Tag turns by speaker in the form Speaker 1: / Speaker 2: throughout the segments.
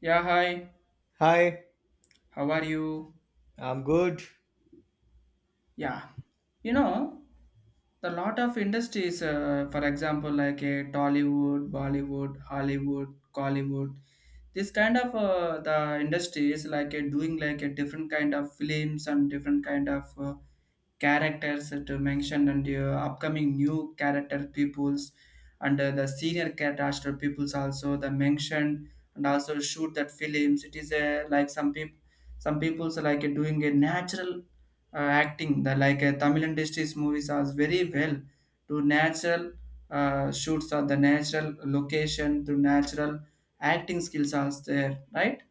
Speaker 1: Yeah, hi.
Speaker 2: Hi,
Speaker 1: How are you?
Speaker 2: I'm good.
Speaker 1: Yeah. You know, the lot of industries, for example like a Tollywood, Bollywood, Hollywood, Collywood, this kind of the industries like a doing like a different kind of films and different kind of characters to mention, and upcoming new character peoples, and the senior character peoples also the mention, and also shoot that films. It is a like some people, some people's like doing a natural uh, acting. The like Tamil industry's movies are very well to natural shoots or the natural location to natural acting skills are there, right?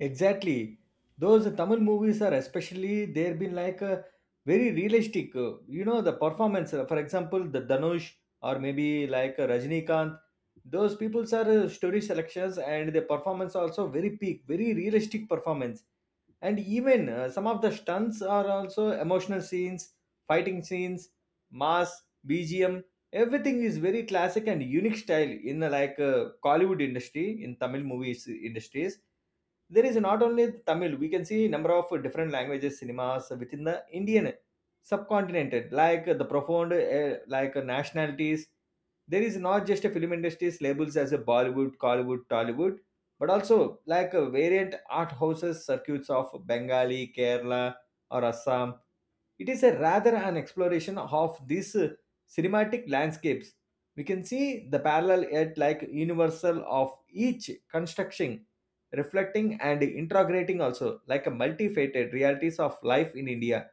Speaker 2: Exactly. Those Tamil movies are especially, they've been like very realistic. The performance, for example, the Dhanush, or maybe like Rajinikanth, those people's are story selections, and the performance also very peak, very realistic performance. And even some of the stunts are also emotional scenes, fighting scenes, mass BGM, everything is very classic and unique style in Kollywood industry in Tamil movies industries. There is not only Tamil, we can see number of different languages cinemas within the Indian subcontinent, like the profound, like nationalities. There is not just a film industries labels as a Bollywood, Collywood, Tollywood, but also like variant art houses circuits of Bengali, Kerala, or Assam. It is a rather an exploration of these cinematic landscapes. We can see the parallel yet like universal of each construction, reflecting and integrating also like a multifaceted realities of life in India.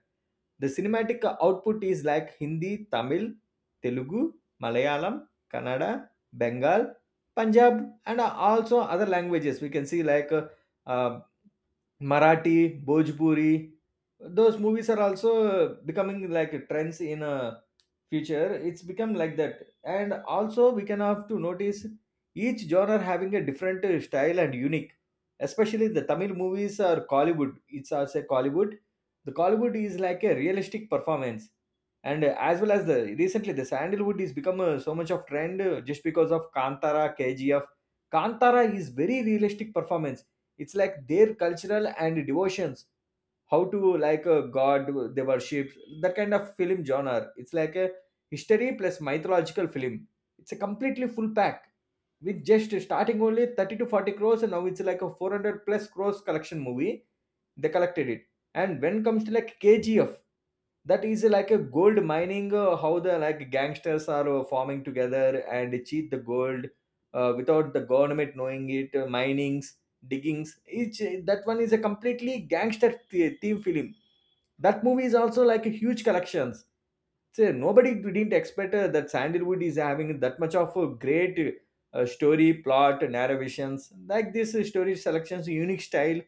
Speaker 2: The cinematic output is like Hindi, Tamil, Telugu, Malayalam, Kannada, Bengal, Punjab, and also other languages. We can see like uh, Marathi, Bhojpuri. Those movies are also becoming like trends in future. It's become like that, and also we can have to notice each genre having a different style and unique, especially the Tamil movies or Collywood, it's also Collywood. The Collywood is like a realistic performance, and as well as the recently the Sandalwood is become so much of trend just because of Kantara, KGF. Kantara is very realistic performance. It's like their cultural and devotions, how to like a god they worship. That kind of film genre, it's like a history plus mythological film. It's a completely full pack with just starting only 30 to 40 crores, and now it's like a 400 plus crores collection movie, they collected it. And when it comes to like KGF, that is like a gold mining, how the like gangsters are forming together and cheat the gold, without the government knowing it, minings, diggings each. That one is a completely gangster theme film. That movie is also like a huge collections. So nobody didn't expect that Sandalwood is having that much of a great story plot narrations like this, story selections, unique style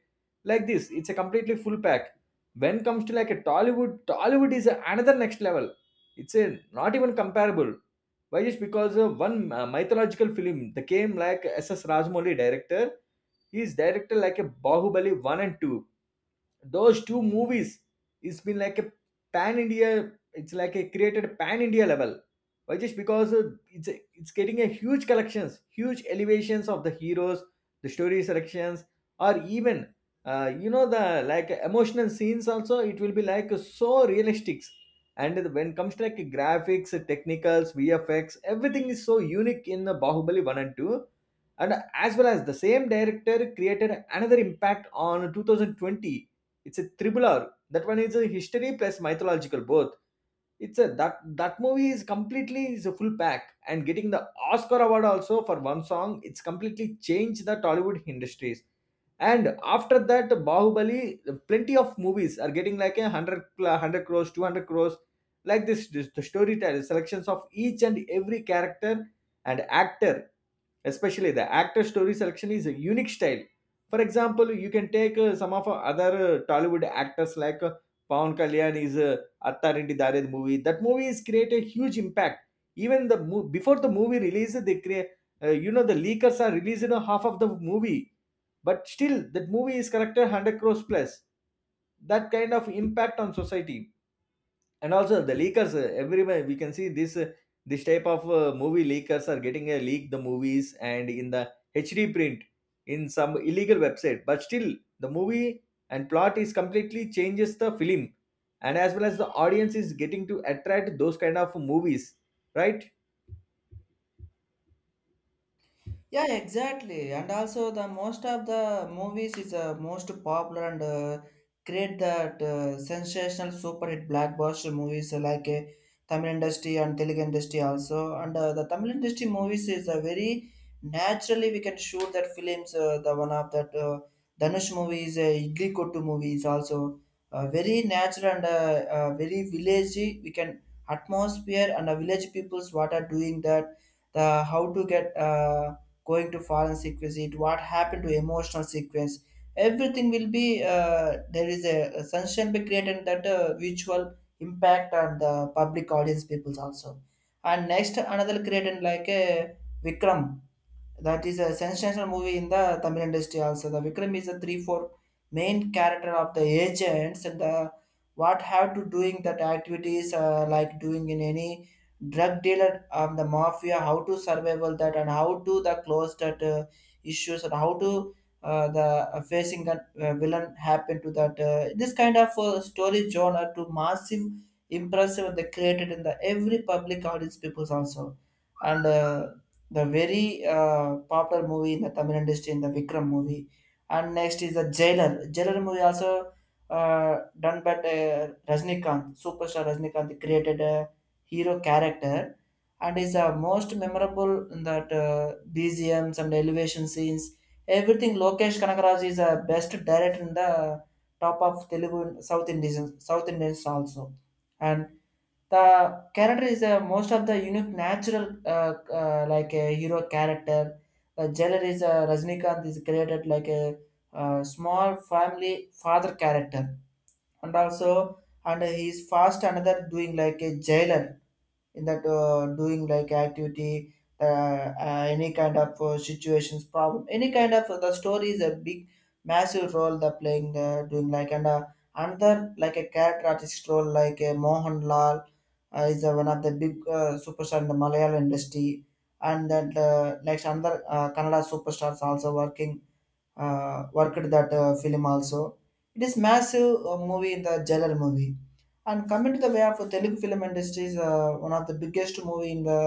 Speaker 2: like this. It's a completely full pack. When comes to like a Tollywood, Tollywood is another next level. It's a not even comparable. Why is because one mythological film, the came like S.S. Rajamouli director, he is director like a Bahubali 1 and 2, those two movies. It's been like a pan India, it's like a created pan India level. Why just because it's getting a huge collections, huge elevations of the heroes, the story selections, or even the like emotional scenes also it will be like so realistic. And when it comes to like graphics, technicals, VFX, everything is so unique in the Bahubali 1 and 2. And as well as the same director created another impact on 2020. It's a triple R. That one is a history plus mythological both. It's a that movie is completely is a full pack, and getting the Oscar award also for one song. It's completely changed the Tollywood industries. And after that Bahubali, plenty of movies are getting like a 100 crores, 200 crores like This the storytelling selections of each and every character and actor, especially the actor story selection is a unique style. For example, you can take some of our other Tollywood actors like Pawan Kalyan is Attarendi Dare movie. That movie has created huge impact. Even before the movie release, they create the leakers are releasing a half of the movie, but still that movie is collected 100 crores plus. That kind of impact on society. And also the leakers everywhere we can see this type of movie leakers are getting a leak the movies, and in the HD print in some illegal website, but still the movie and plot is completely changes the film. And as well as the audience is getting to attract those kind of movies, right?
Speaker 1: Yeah, exactly. And also the most of the movies is most popular and create that sensational super hit blockbuster movies like Tamil industry and Telugu industry also. And the Tamil industry movies is a very naturally we can shoot that films. The one of that Dhanush movies, Idli Kottu movies also very natural and very villagey. We can atmosphere and the village peoples what are doing that, the how to get. Going to foreign sequence, it what happened to emotional sequence, everything will be uh, there is a sunshine be created that visual impact on the public audience peoples also. And next another created like a Vikram, that is a sensational movie in the Tamil industry also. The Vikram is a three four main character of the agents, and the what have to doing that activities, like doing in any drug dealer, the mafia, how to survival that and how to the close that issues, and how to the facing a villain happen to that. This kind of story genre to massive impressive they created in the every public audience peoples also. And the very popular movie in the Tamil industry in the Vikram movie, and next is the Jailer. Jailer movie also done by Rajnikant superstar. Rajnikanth created a hero character, and is the most memorable in that BGMs and elevation scenes. Everything Lokesh Kanagaraj is a best director in the top of Telugu, South Indian, South Indians also, and the character most of the unique. Uh, a hero character. The jailer is a small family father character, and also and he's doing like a jailer in that doing like the any kind of situations problem, any kind of the story is a big massive role the playing doing like. And another like a character artist role like Mohanlal, is one of the big superstar in the Malayalam industry, and that like another Kannada superstars also working worked that film also. It is massive movie in the Jailer movie. And coming to the way of Telugu film industry is one of the biggest movie in the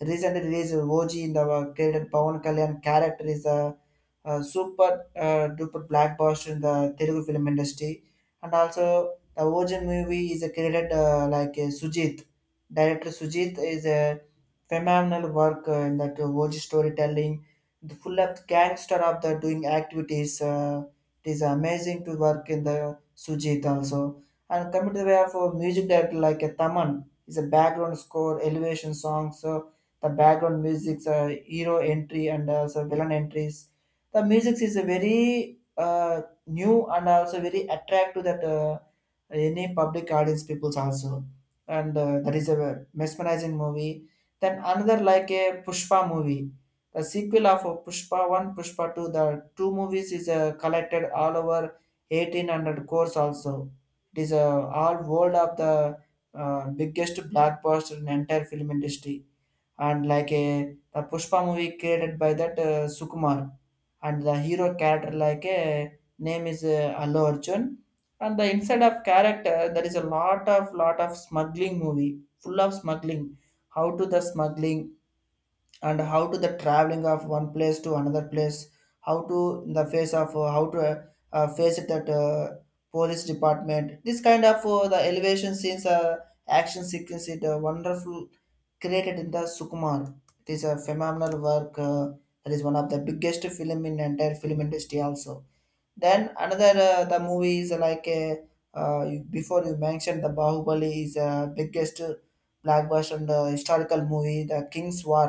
Speaker 1: recent release of OG in the created Pawan Kalyan character is a super duper blockbuster in the Telugu film industry. And also the OG movie is a created like Sujit. Director Sujit is a phenomenal work in that OG storytelling, the full of gangster of the doing activities. It is amazing to work in the Sujit also. And coming to the way of music director like a Taman is a background score, elevation songs, so the background music's hero entry and also villain entries. The music is a very new and also very attractive that. Any public audience peoples also, and that is a mesmerizing movie. Then another like a Pushpa movie, the sequel of Pushpa 1, Pushpa 2, the two movies is collected all over 1800 crores also. It is all world of the biggest blockbuster in entire film industry. And like a, the Pushpa movie created by that Sukumar, and the hero character like a name is Allu Arjun, and the inside of character there is a lot of smuggling movie, full of smuggling, how to the smuggling, and how to the traveling of one place to another place, how to in the face of how to face it at police department. This kind of the elevation scenes, action sequence, it wonderful created in the Sukumar. It is a phenomenal work. That is one of the biggest film in entire film industry also. Then another the movie is like a, before you mentioned the Bahubali is biggest blockbuster and historical movie, the king's war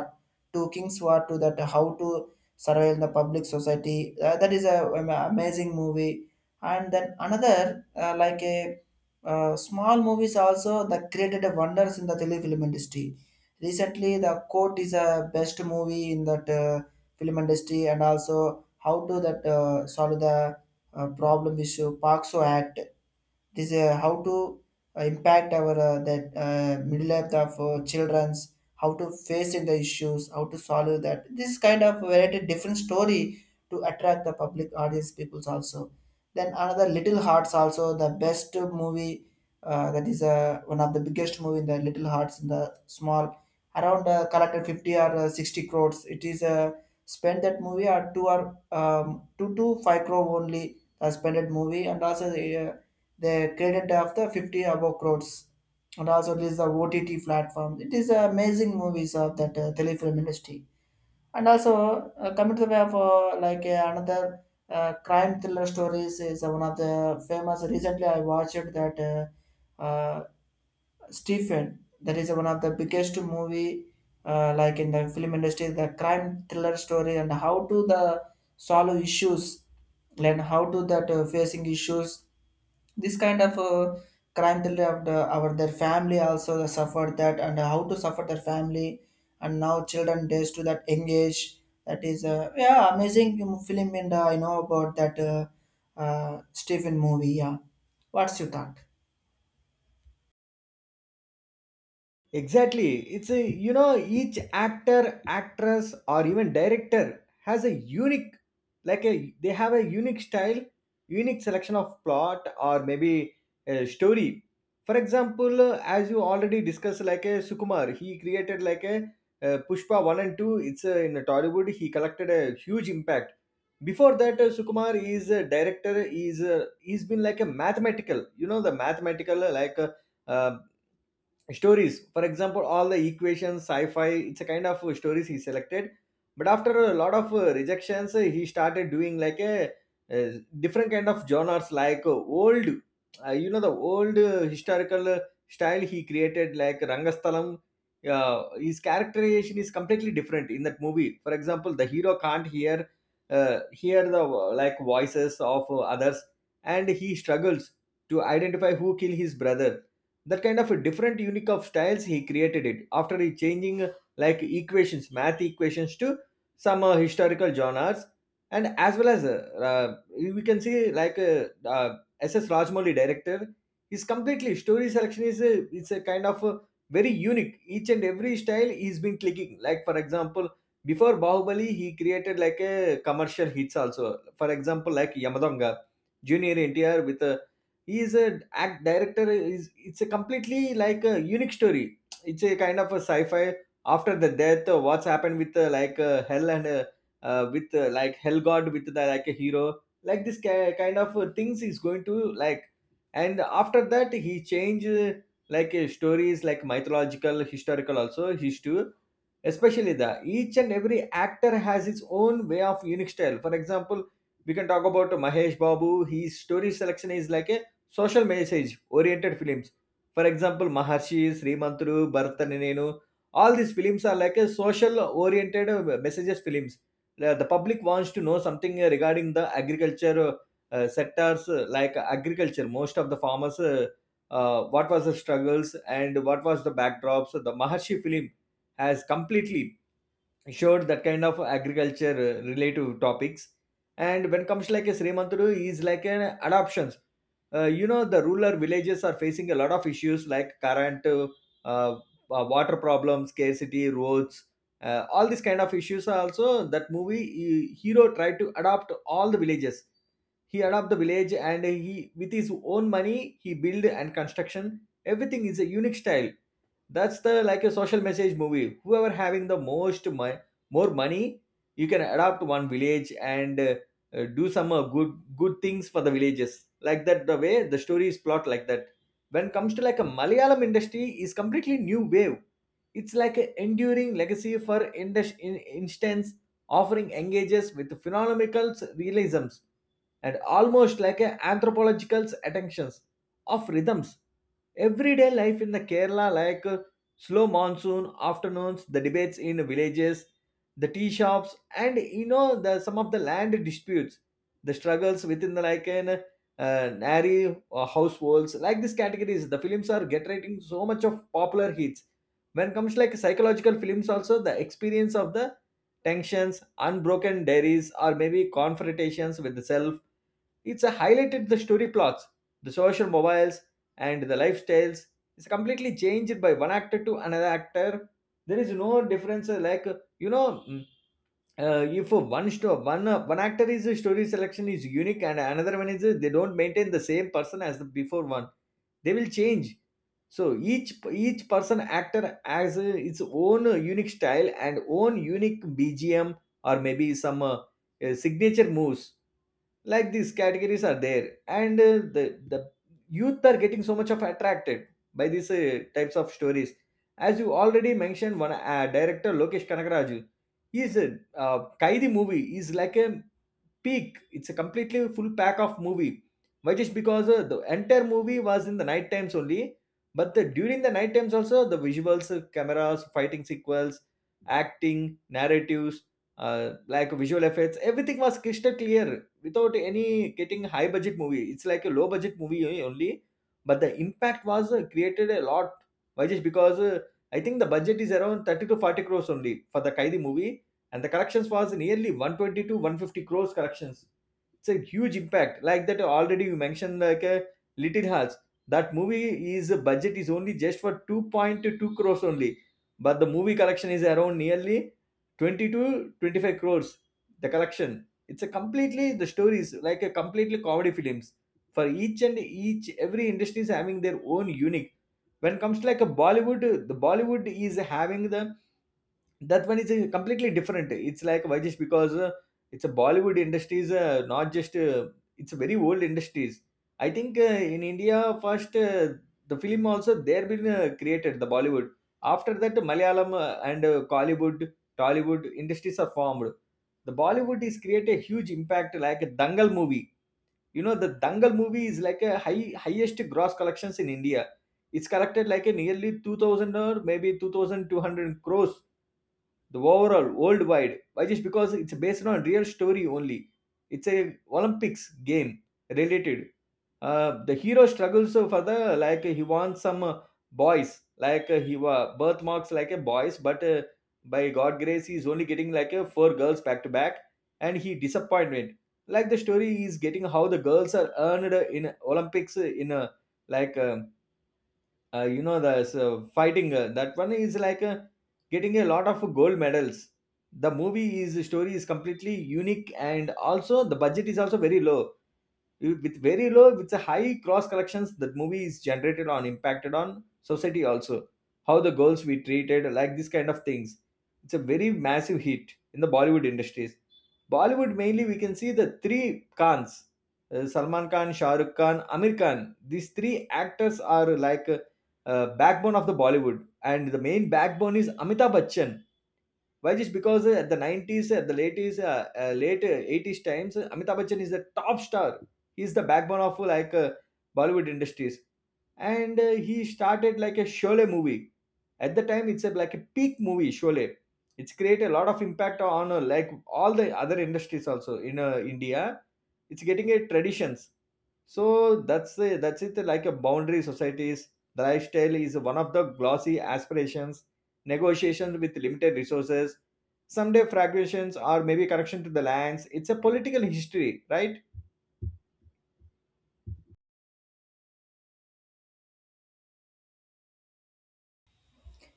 Speaker 1: to king's war, to that how to survive in the public society. That is a amazing movie. And then another like a small movies also that created a wonders in the Telugu film industry. Recently, the Court is a best movie in that film industry, and also how to that solve the problem issue. Park So Act, this how to impact our that middle life of children's, how to face in the issues, how to solve that. This kind of variety different story to attract the public audience peoples also. Then another Little Hearts also the best movie. That is one of the biggest movie in the Little Hearts. In the small around collected 50 or 60 crores. It is spent that movie, or two to five crore only spent that movie, and also the credit of the 50 above crores, and also this is the OTT platform. It is amazing movies of that telefilm industry. And also coming to the way of like another crime thriller stories, is one of the famous. Recently I watched that Stephen, that is one of the biggest movie, like in the film industry, the crime thriller story, and how to the solve issues, and how to that facing issues. This kind of crime thriller of the, our their family also suffered that, and how to suffer their family, and now children days to that engage. That is yeah, amazing film. And I know about that Stephen movie. Yeah, what's your thought?
Speaker 2: Exactly. It's a, you know, each actor, actress, or even director has a unique, like a, they have a unique style, unique selection of plot, or maybe a story. For example, as you already discussed, like a Sukumar, he created like a, Pushpa 1 and 2. It's in Tollywood, he collected a huge impact. Before that, Sukumar is a director, is he's been like a the mathematical, like uh, stories. For example, all the equations, sci-fi, it's a kind of stories he selected, but after a lot of rejections, he started doing like a, different kind of genres like old, the old, historical, style he created like Rangasthalam. His characterization is completely different in that movie. For example, the hero can't hear the like voices of others, and he struggles to identify who killed his brother. That kind of a different unique of styles he created it after he changing like equations math equations to some historical genres. And as well as uh, we can see like SS Rajmouli director. His completely story selection is a, it's a kind of a very unique each and every style he's been clicking like. For example, before Bahubali he created like a commercial hits also. For example, like Yamadonga, junior NTR with a, he is a act director is, it's a completely like a unique story. It's a kind of a sci-fi. After the death, what's happened with hell, and with like hell god, with the like a hero like this kind of things is going to like. And after that he change like stories like mythological historical also his too. Especially the each and every actor has its own way of unique style. For example, we can talk about Mahesh Babu, his story selection is like a social message oriented films. For example 'Maharshi', 'Srimanthudu', 'Bharat Ane Nenu' all these films are like a social oriented messages films. The public wants to know something regarding the agriculture ah, sectors like agriculture. Most of the farmers ah, what was the struggles and what was the backdrops. The 'Maharshi' film has completely showed that kind of agriculture related topics. And when comes like a Srimantudu is like an adoptions, the rural villages are facing a lot of issues like current uh, uh, water problems, scarcity, roads, all these kind of issues are also that movie hero tried to adopt all the villages. He adopted the village, and he with his own money he build and construction, everything is a unique style. That's the like a social message movie, whoever having the most more money, you can adopt one village and do some good things for the villages like that, the way the story is plot like that. When comes to like a Malayalam industry is completely new wave. It's like an enduring legacy for in instance, offering engages with phenomenal realisms and almost like a anthropological attentions of rhythms. Everyday life in the Kerala, like slow monsoon afternoons, the debates in villages, the tea shops, and the some of the land disputes, the struggles within the like an nary or households, like these categories. The films are generating so much of popular hits. When comes like psychological films, also the experience of the tensions, unbroken dairies, or maybe confrontations with the self, it's a highlighted the story plots, the social mobiles, and the lifestyles. It's completely changed by one actor to another actor. There is no difference. Like you know, mm, if one actor is story selection is unique, and another one is they don't maintain the same person as the before one. They will change. So each each person actor has its own unique style and own unique BGM or maybe some signature moves like these categories are there, and the youth are getting so much of attracted by these types of stories. As you already mentioned, one director Lokesh Kanagaraju, he's a uh, Kaidi movie is like a peak. It's a completely full pack of movie. Why? Just because the entire movie was in the night times only, but during the night times also the visuals, cameras, fighting sequels, acting narratives, like visual effects, everything was crystal clear without any getting high budget movie. It's like a low budget movie only, but the impact was created a lot. Why? Just because I think the budget is around 30 to 40 crores only for the Kaidi movie, and the collections was nearly 120 to 150 crores collections. It's a huge impact. Like that, already you mentioned, like a Little Hearts, that movie is budget is only just for 2.2 crores only, but the movie collection is around nearly 20 to 25 crores, the collection. It's a completely the story is like a completely comedy films. For each and each every industry is having their own unique. When it comes to like a Bollywood, the Bollywood is having the that one is completely different. It's like, why just because it's a Bollywood industry is not just it's a very old industries. I think in India first, the film also there been created the Bollywood. After that, Malayalam and Kollywood, Tollywood industries are formed. The Bollywood is create a huge impact like a Dangal movie. You know, the Dangal movie is like a highest gross collections in India. It's collected like a nearly 2000 or maybe 2200 crores, the overall worldwide. Why? Just because it's based on real story only. It's a Olympics game related. The hero struggles for the, like, he wants some boys, like he was birthmarks like a boys, but by god grace, he's only getting like a four girls back to back, and he disappointment. Like, the story is getting how the girls are earned in Olympics in a like you know, the so fighting, that one is like getting a lot of gold medals. The movie is story is completely unique, and also the budget is also very low, with very low with a high cross collections. That movie is generated on impacted on society also, how the girls we treated, like this kind of things. It's a very massive hit in the Bollywood industries. Bollywood, mainly we can see the three Khans, Salman Khan, Shah Rukh Khan, Amir Khan. These three actors are like backbone of the Bollywood, and the main backbone is Amitabh Bachchan. Why? Just because at the 90s, at the late is late 80s times, Amitabh Bachchan is the top star. He's the backbone of Bollywood industries, and he started like a Sholay movie. At the time, it's a, like a peak movie, Sholay. It's created a lot of impact on like all the other industries also in India. It's getting a traditions. So that's it. Like a boundary societies, the lifestyle is one of the glossy aspirations, negotiations with limited resources, someday fragmentations or maybe correction to the lands. It's a political history, right?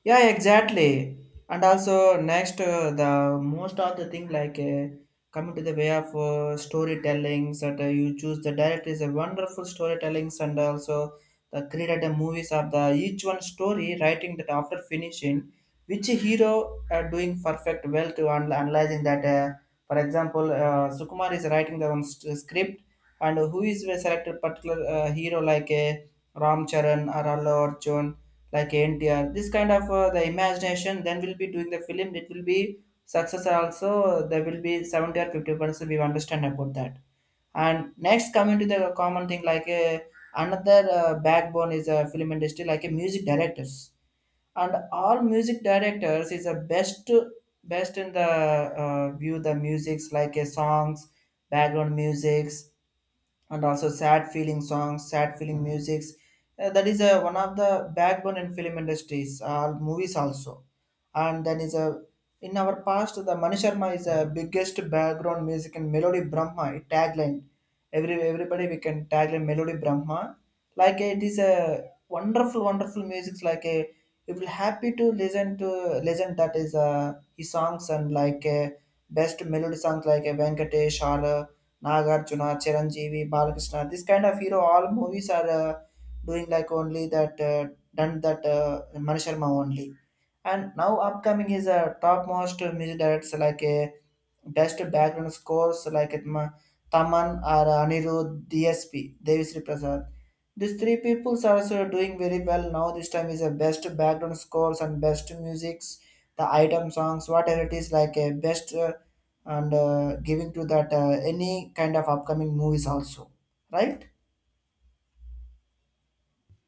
Speaker 1: Yeah, exactly. And also next, the most of the thing, like coming to the way of storytellings, that you choose the director is a wonderful storytellings, and also the created the movies of the each one story writing that after finishing which hero doing perfect well to analyzing that. For example, Sukumar is writing the one script, and who is a selected particular hero like Ram Charan or Allu Arjun, like NTR. This kind of the imagination, then we'll be doing the film. It will be success also. There will be 70 or 50%. We understand about that. And next coming to the common thing, like another backbone is a film industry, like a music directors. And all music directors is the best in the view the musics, like a songs, background musics, and also sad feeling songs, sad feeling musics. That is one of the backbone in film industries, movies also. And then is a in our past, the Mani Sharma is a biggest background music and melody Brahma tagline. Everybody we can tagline melody Brahma. Like it is a wonderful, wonderful music. Like a you will happy to listen to listen. That is his songs, and like best melody songs like a Venkatesh or. Nagarjuna, Chiranjeevi, Balakrishna. This kind of hero, all movies are doing like only that done that Mani Sharma only. And now upcoming is a topmost music directors, like a best background scores like it, Taman, or Anirudh, DSP, Devisri Prasad. These three peoples are also doing very well now. This time is a best background scores and best musics, the item songs, whatever it is, like a best. And giving to that any kind of upcoming movies also, right?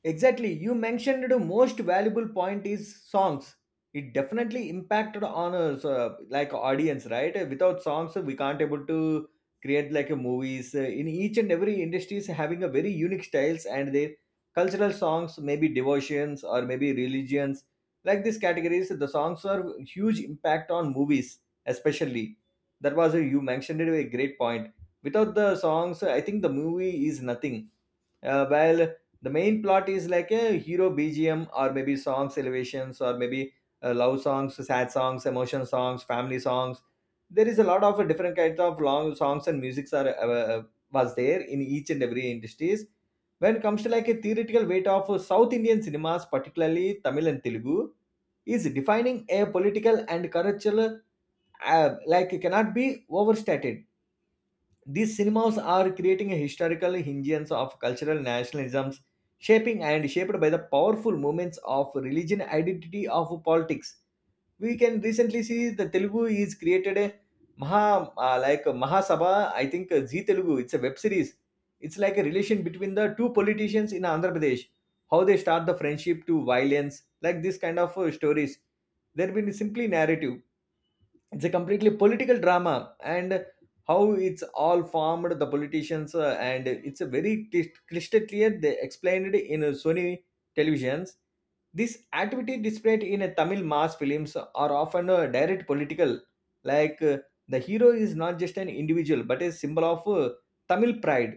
Speaker 2: Exactly. You mentioned the most valuable point is songs. It definitely impacted on us, like audience, right? Without songs, we can't able to create like a movies. In each and every industry is having a very unique styles and their cultural songs, maybe devotions or maybe religions. Like these categories, the songs are huge impact on movies, especially. That was a, you mentioned it a great point. Without the songs, I think the movie is nothing while the main plot is like a hero BGM or maybe songs elevations or maybe love songs, sad songs, emotion songs, family songs. There is a lot of different kinds of long songs and musics are was there in each and every industries. When it comes to like a theoretical weight of South Indian cinemas, particularly Tamil and Telugu, is defining a political and cultural like cannot be overstated. These cinemas are creating a historical hinges of cultural nationalisms, shaping and shaped by the powerful movements of religion, identity of politics. We can recently see the Telugu is created a Maha like Mahasabha. I think Zee Telugu. It's a web series. It's like a relation between the two politicians in Andhra Pradesh, how they start the friendship to violence, like this kind of stories. There been simply narrative. It's a completely political drama, and how it's all formed the politicians and it's a very crystal clear they explained in Sony Televisions. This activity displayed in a Tamil mass films are often direct political, like uh, the hero is not just an individual but a symbol of Tamil pride.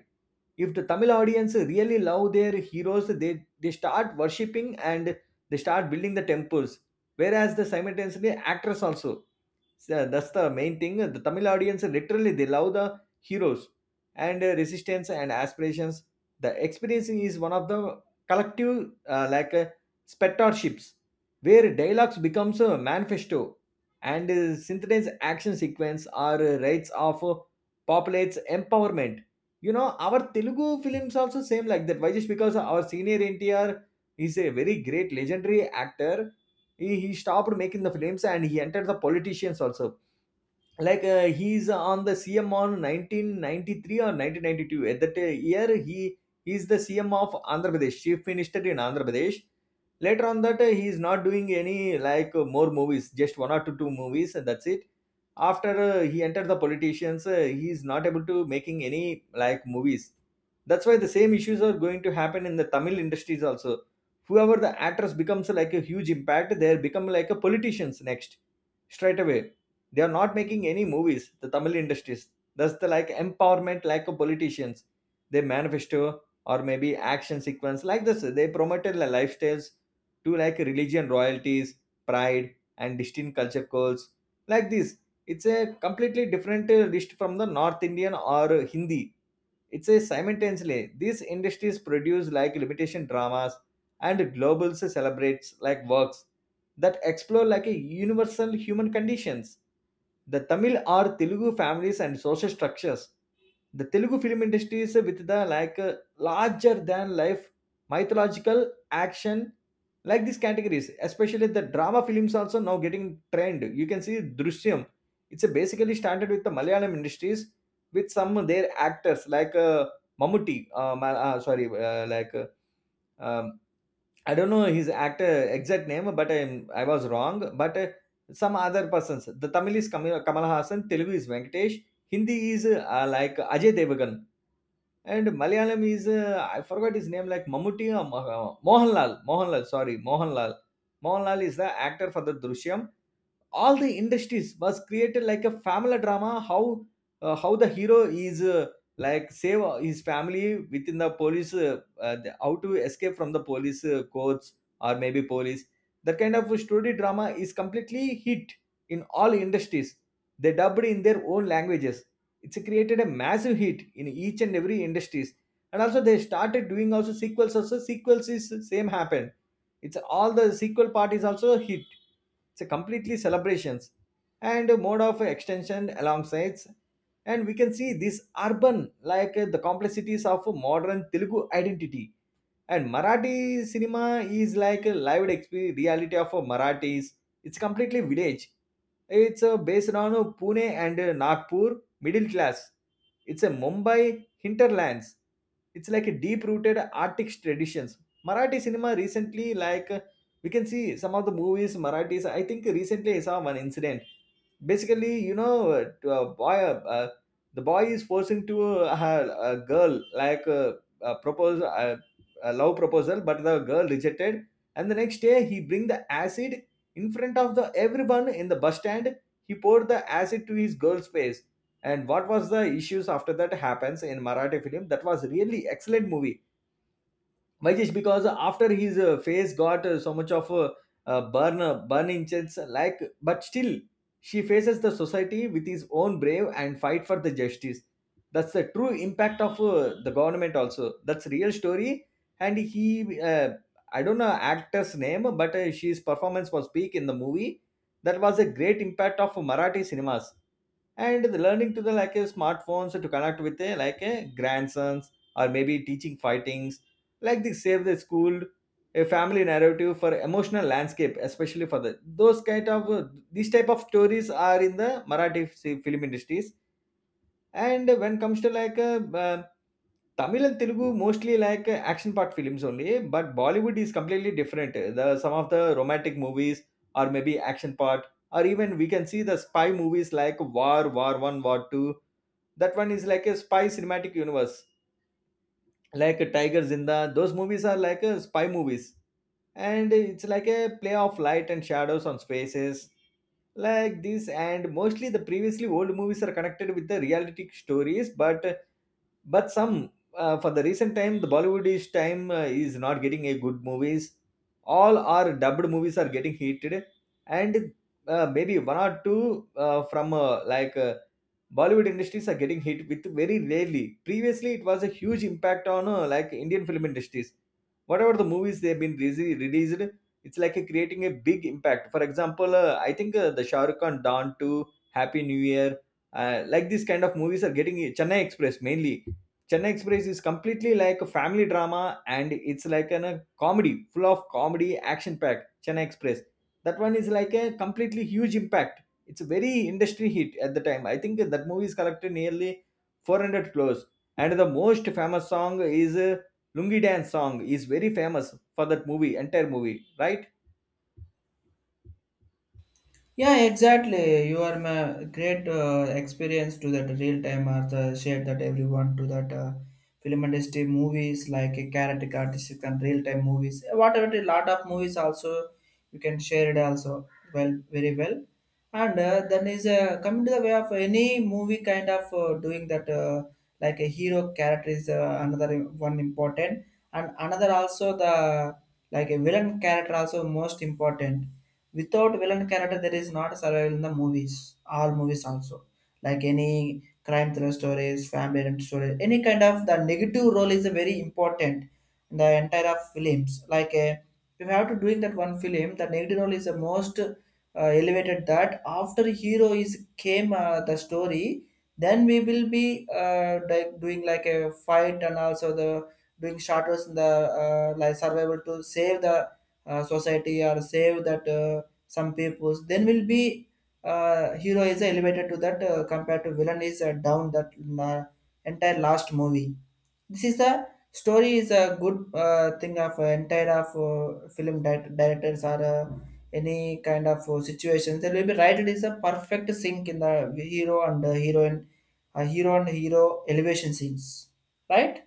Speaker 2: If the Tamil audience really love their heroes, they start worshipping, and they start building the temples, whereas the simultaneously actors also. So that's the main thing, the Tamil audience literally they love the heroes, and resistance and aspirations. The experience is one of the collective uh, like uh, spectatorships, where dialogues becomes a manifesto, and synthesized action sequence are rights of populates empowerment. You know our Telugu films also same like that why just because our senior NTR is a very great legendary actor. ఈ he stopped making the films and he enter the politicians also. Like, he's on the CM on 1993 or 1992. At that year, he's the CM of Andhra Pradesh, chief minister in Andhra Pradesh. Later on that, he is not doing any like more movies, just one or two movies, and that's it. After he entered the politicians, he is not able to making any like movies. That's why the same issues are going to happen in the Tamil industries also. Whoever the actress becomes like a huge impact, they become like a politicians next, straight away. They are not making any movies, the Tamil industries. That's the like empowerment like of politicians. They manifesto or maybe action sequence, like this. They promoted the lifestyles to like religion royalties, pride, and distinct culture codes like this. It's a completely different list from the North Indian or Hindi. It's a simultaneously these industries produce like limitation dramas and global celebrates like works that explore like a universal human conditions, the Tamil or Telugu families and social structures. The Telugu film industry is with the like larger than life, mythological, action, like these categories. Especially the drama films also now getting trend. You can see Drishyam. It's a basically started with the Malayalam industries, with some of their actors like Mammootty, sorry, um, I don't know his actor exact name, but I was wrong. But some other persons. The Tamil is Kamal, Kamal Hassan. Telugu is Venkatesh. Hindi is like Ajay Devgan, and Malayalam is I forgot his name, like Mamutti or Mohanlal. Mohanlal, sorry, Mohanlal. Mohanlal is the actor for the Drishyam. All the industries was created like a family drama, how the hero is like save his family within the police how to escape from the police courts or maybe police. That kind of story drama is completely hit in all industries. They dubbed in their own languages. It's created a massive hit in each and every industries. And also they started doing also sequels. Also sequels is same happen. It's all the sequel part is also a hit. It's a completely celebrations and a mode of extension alongside. And we can see this urban, like, the complexities of modern Telugu identity. And Marathi cinema is like a live experience, reality of a Marathis. It's completely village. It's based on Pune and Nagpur middle class. It's a Mumbai hinterlands. It's like a deep-rooted artistic traditions. Marathi cinema recently, we can see some of the movies Marathis. I think recently I saw one incident. Basically, you know, to a boy, the boy is forcing to a girl, propose a love proposal, but the girl rejected. And the next day, he bring the acid in front of the everyone in the bus stand. He poured the acid to his girl's face. And what was the issues after that happens in Marathi film? That was really excellent movie, Majesh. Because after his face got so much of a burn inches, like, but still, she faces the society with his own brave and fight for the justice. That's the true impact of the government. Also, that's real story. And he, I don't know actor's name, but his performance was peak in the movie. That was a great impact of Marathi cinemas, and the learning to the like a smartphones to connect with a like a grandsons or maybe teaching fightings, like the save the school, a family narrative for emotional landscape, especially for the those kind of these type of stories are in the Marathi film industries. And when comes to like Tamil and Telugu, mostly like action part films only. But Bollywood is completely different. The some of the romantic movies or maybe action part, or even we can see the spy movies like War, War One, War Two. That one is like a spy cinematic universe like Tiger Zinda. Those movies are like spy movies, and it's like a play of light and shadows on spaces, like this. And mostly the previously old movies are connected with the realistic stories, but some for the recent time, the Bollywoodish time is not getting a good movies. All our dubbed movies are getting heated, and maybe one or two from like Bollywood industries are getting hit with very rarely. Previously, it was a huge impact on like Indian film industries. Whatever the movies they've been released, it's like a creating a big impact. For example, I think the Shah Rukh Khan Don 2, Happy New Year, like these kind of movies are getting Chennai Express mainly. Chennai Express is completely like a family drama, and it's like an, a comedy, full of comedy, action packed, Chennai Express. That one is like a completely huge impact. It's a very industry hit at the time. I think that movie is collected nearly 400 crores. And the most famous song is Lungi Dance song is very famous for that movie, entire movie, right?
Speaker 1: Yeah, exactly. You are my great experience to that real time, or the share that everyone to that film industry movies, like a character artistic and real time movies. Whatever, a lot of movies also you can share it also, well, very well. And then is coming to the way of any movie kind of doing that like a hero character is another one important, and another also the like a villain character also most important. Without villain character there is not survival in the movies, all movies also, like any crime thriller stories, family and story, any kind of the negative role is a very important in the entire of films. Like you have to doing that one film, the negative role is the most elevated that, after hero is came the story, then we will be like doing like a fight, and also the doing shadows in the like survival to save the society, or save that some peoples, then will be hero is elevated to that compared to villain is down that uh, entire last movie. This is the story is a good thing of entire of film directors, or any kind of situations they will be right. It is a perfect sync in the hero and heroine, hero and hero elevation scenes, right?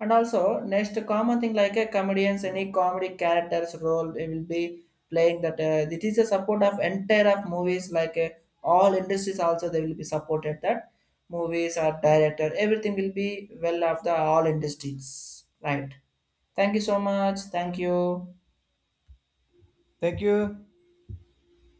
Speaker 1: And also, next common thing like a comedians, any comedy characters role they will be playing that. It is a support of entire of movies. Like all industries also they will be supported that movies or director, everything will be well of the all industries. Right. Thank you so much. Thank you.
Speaker 2: Thank you.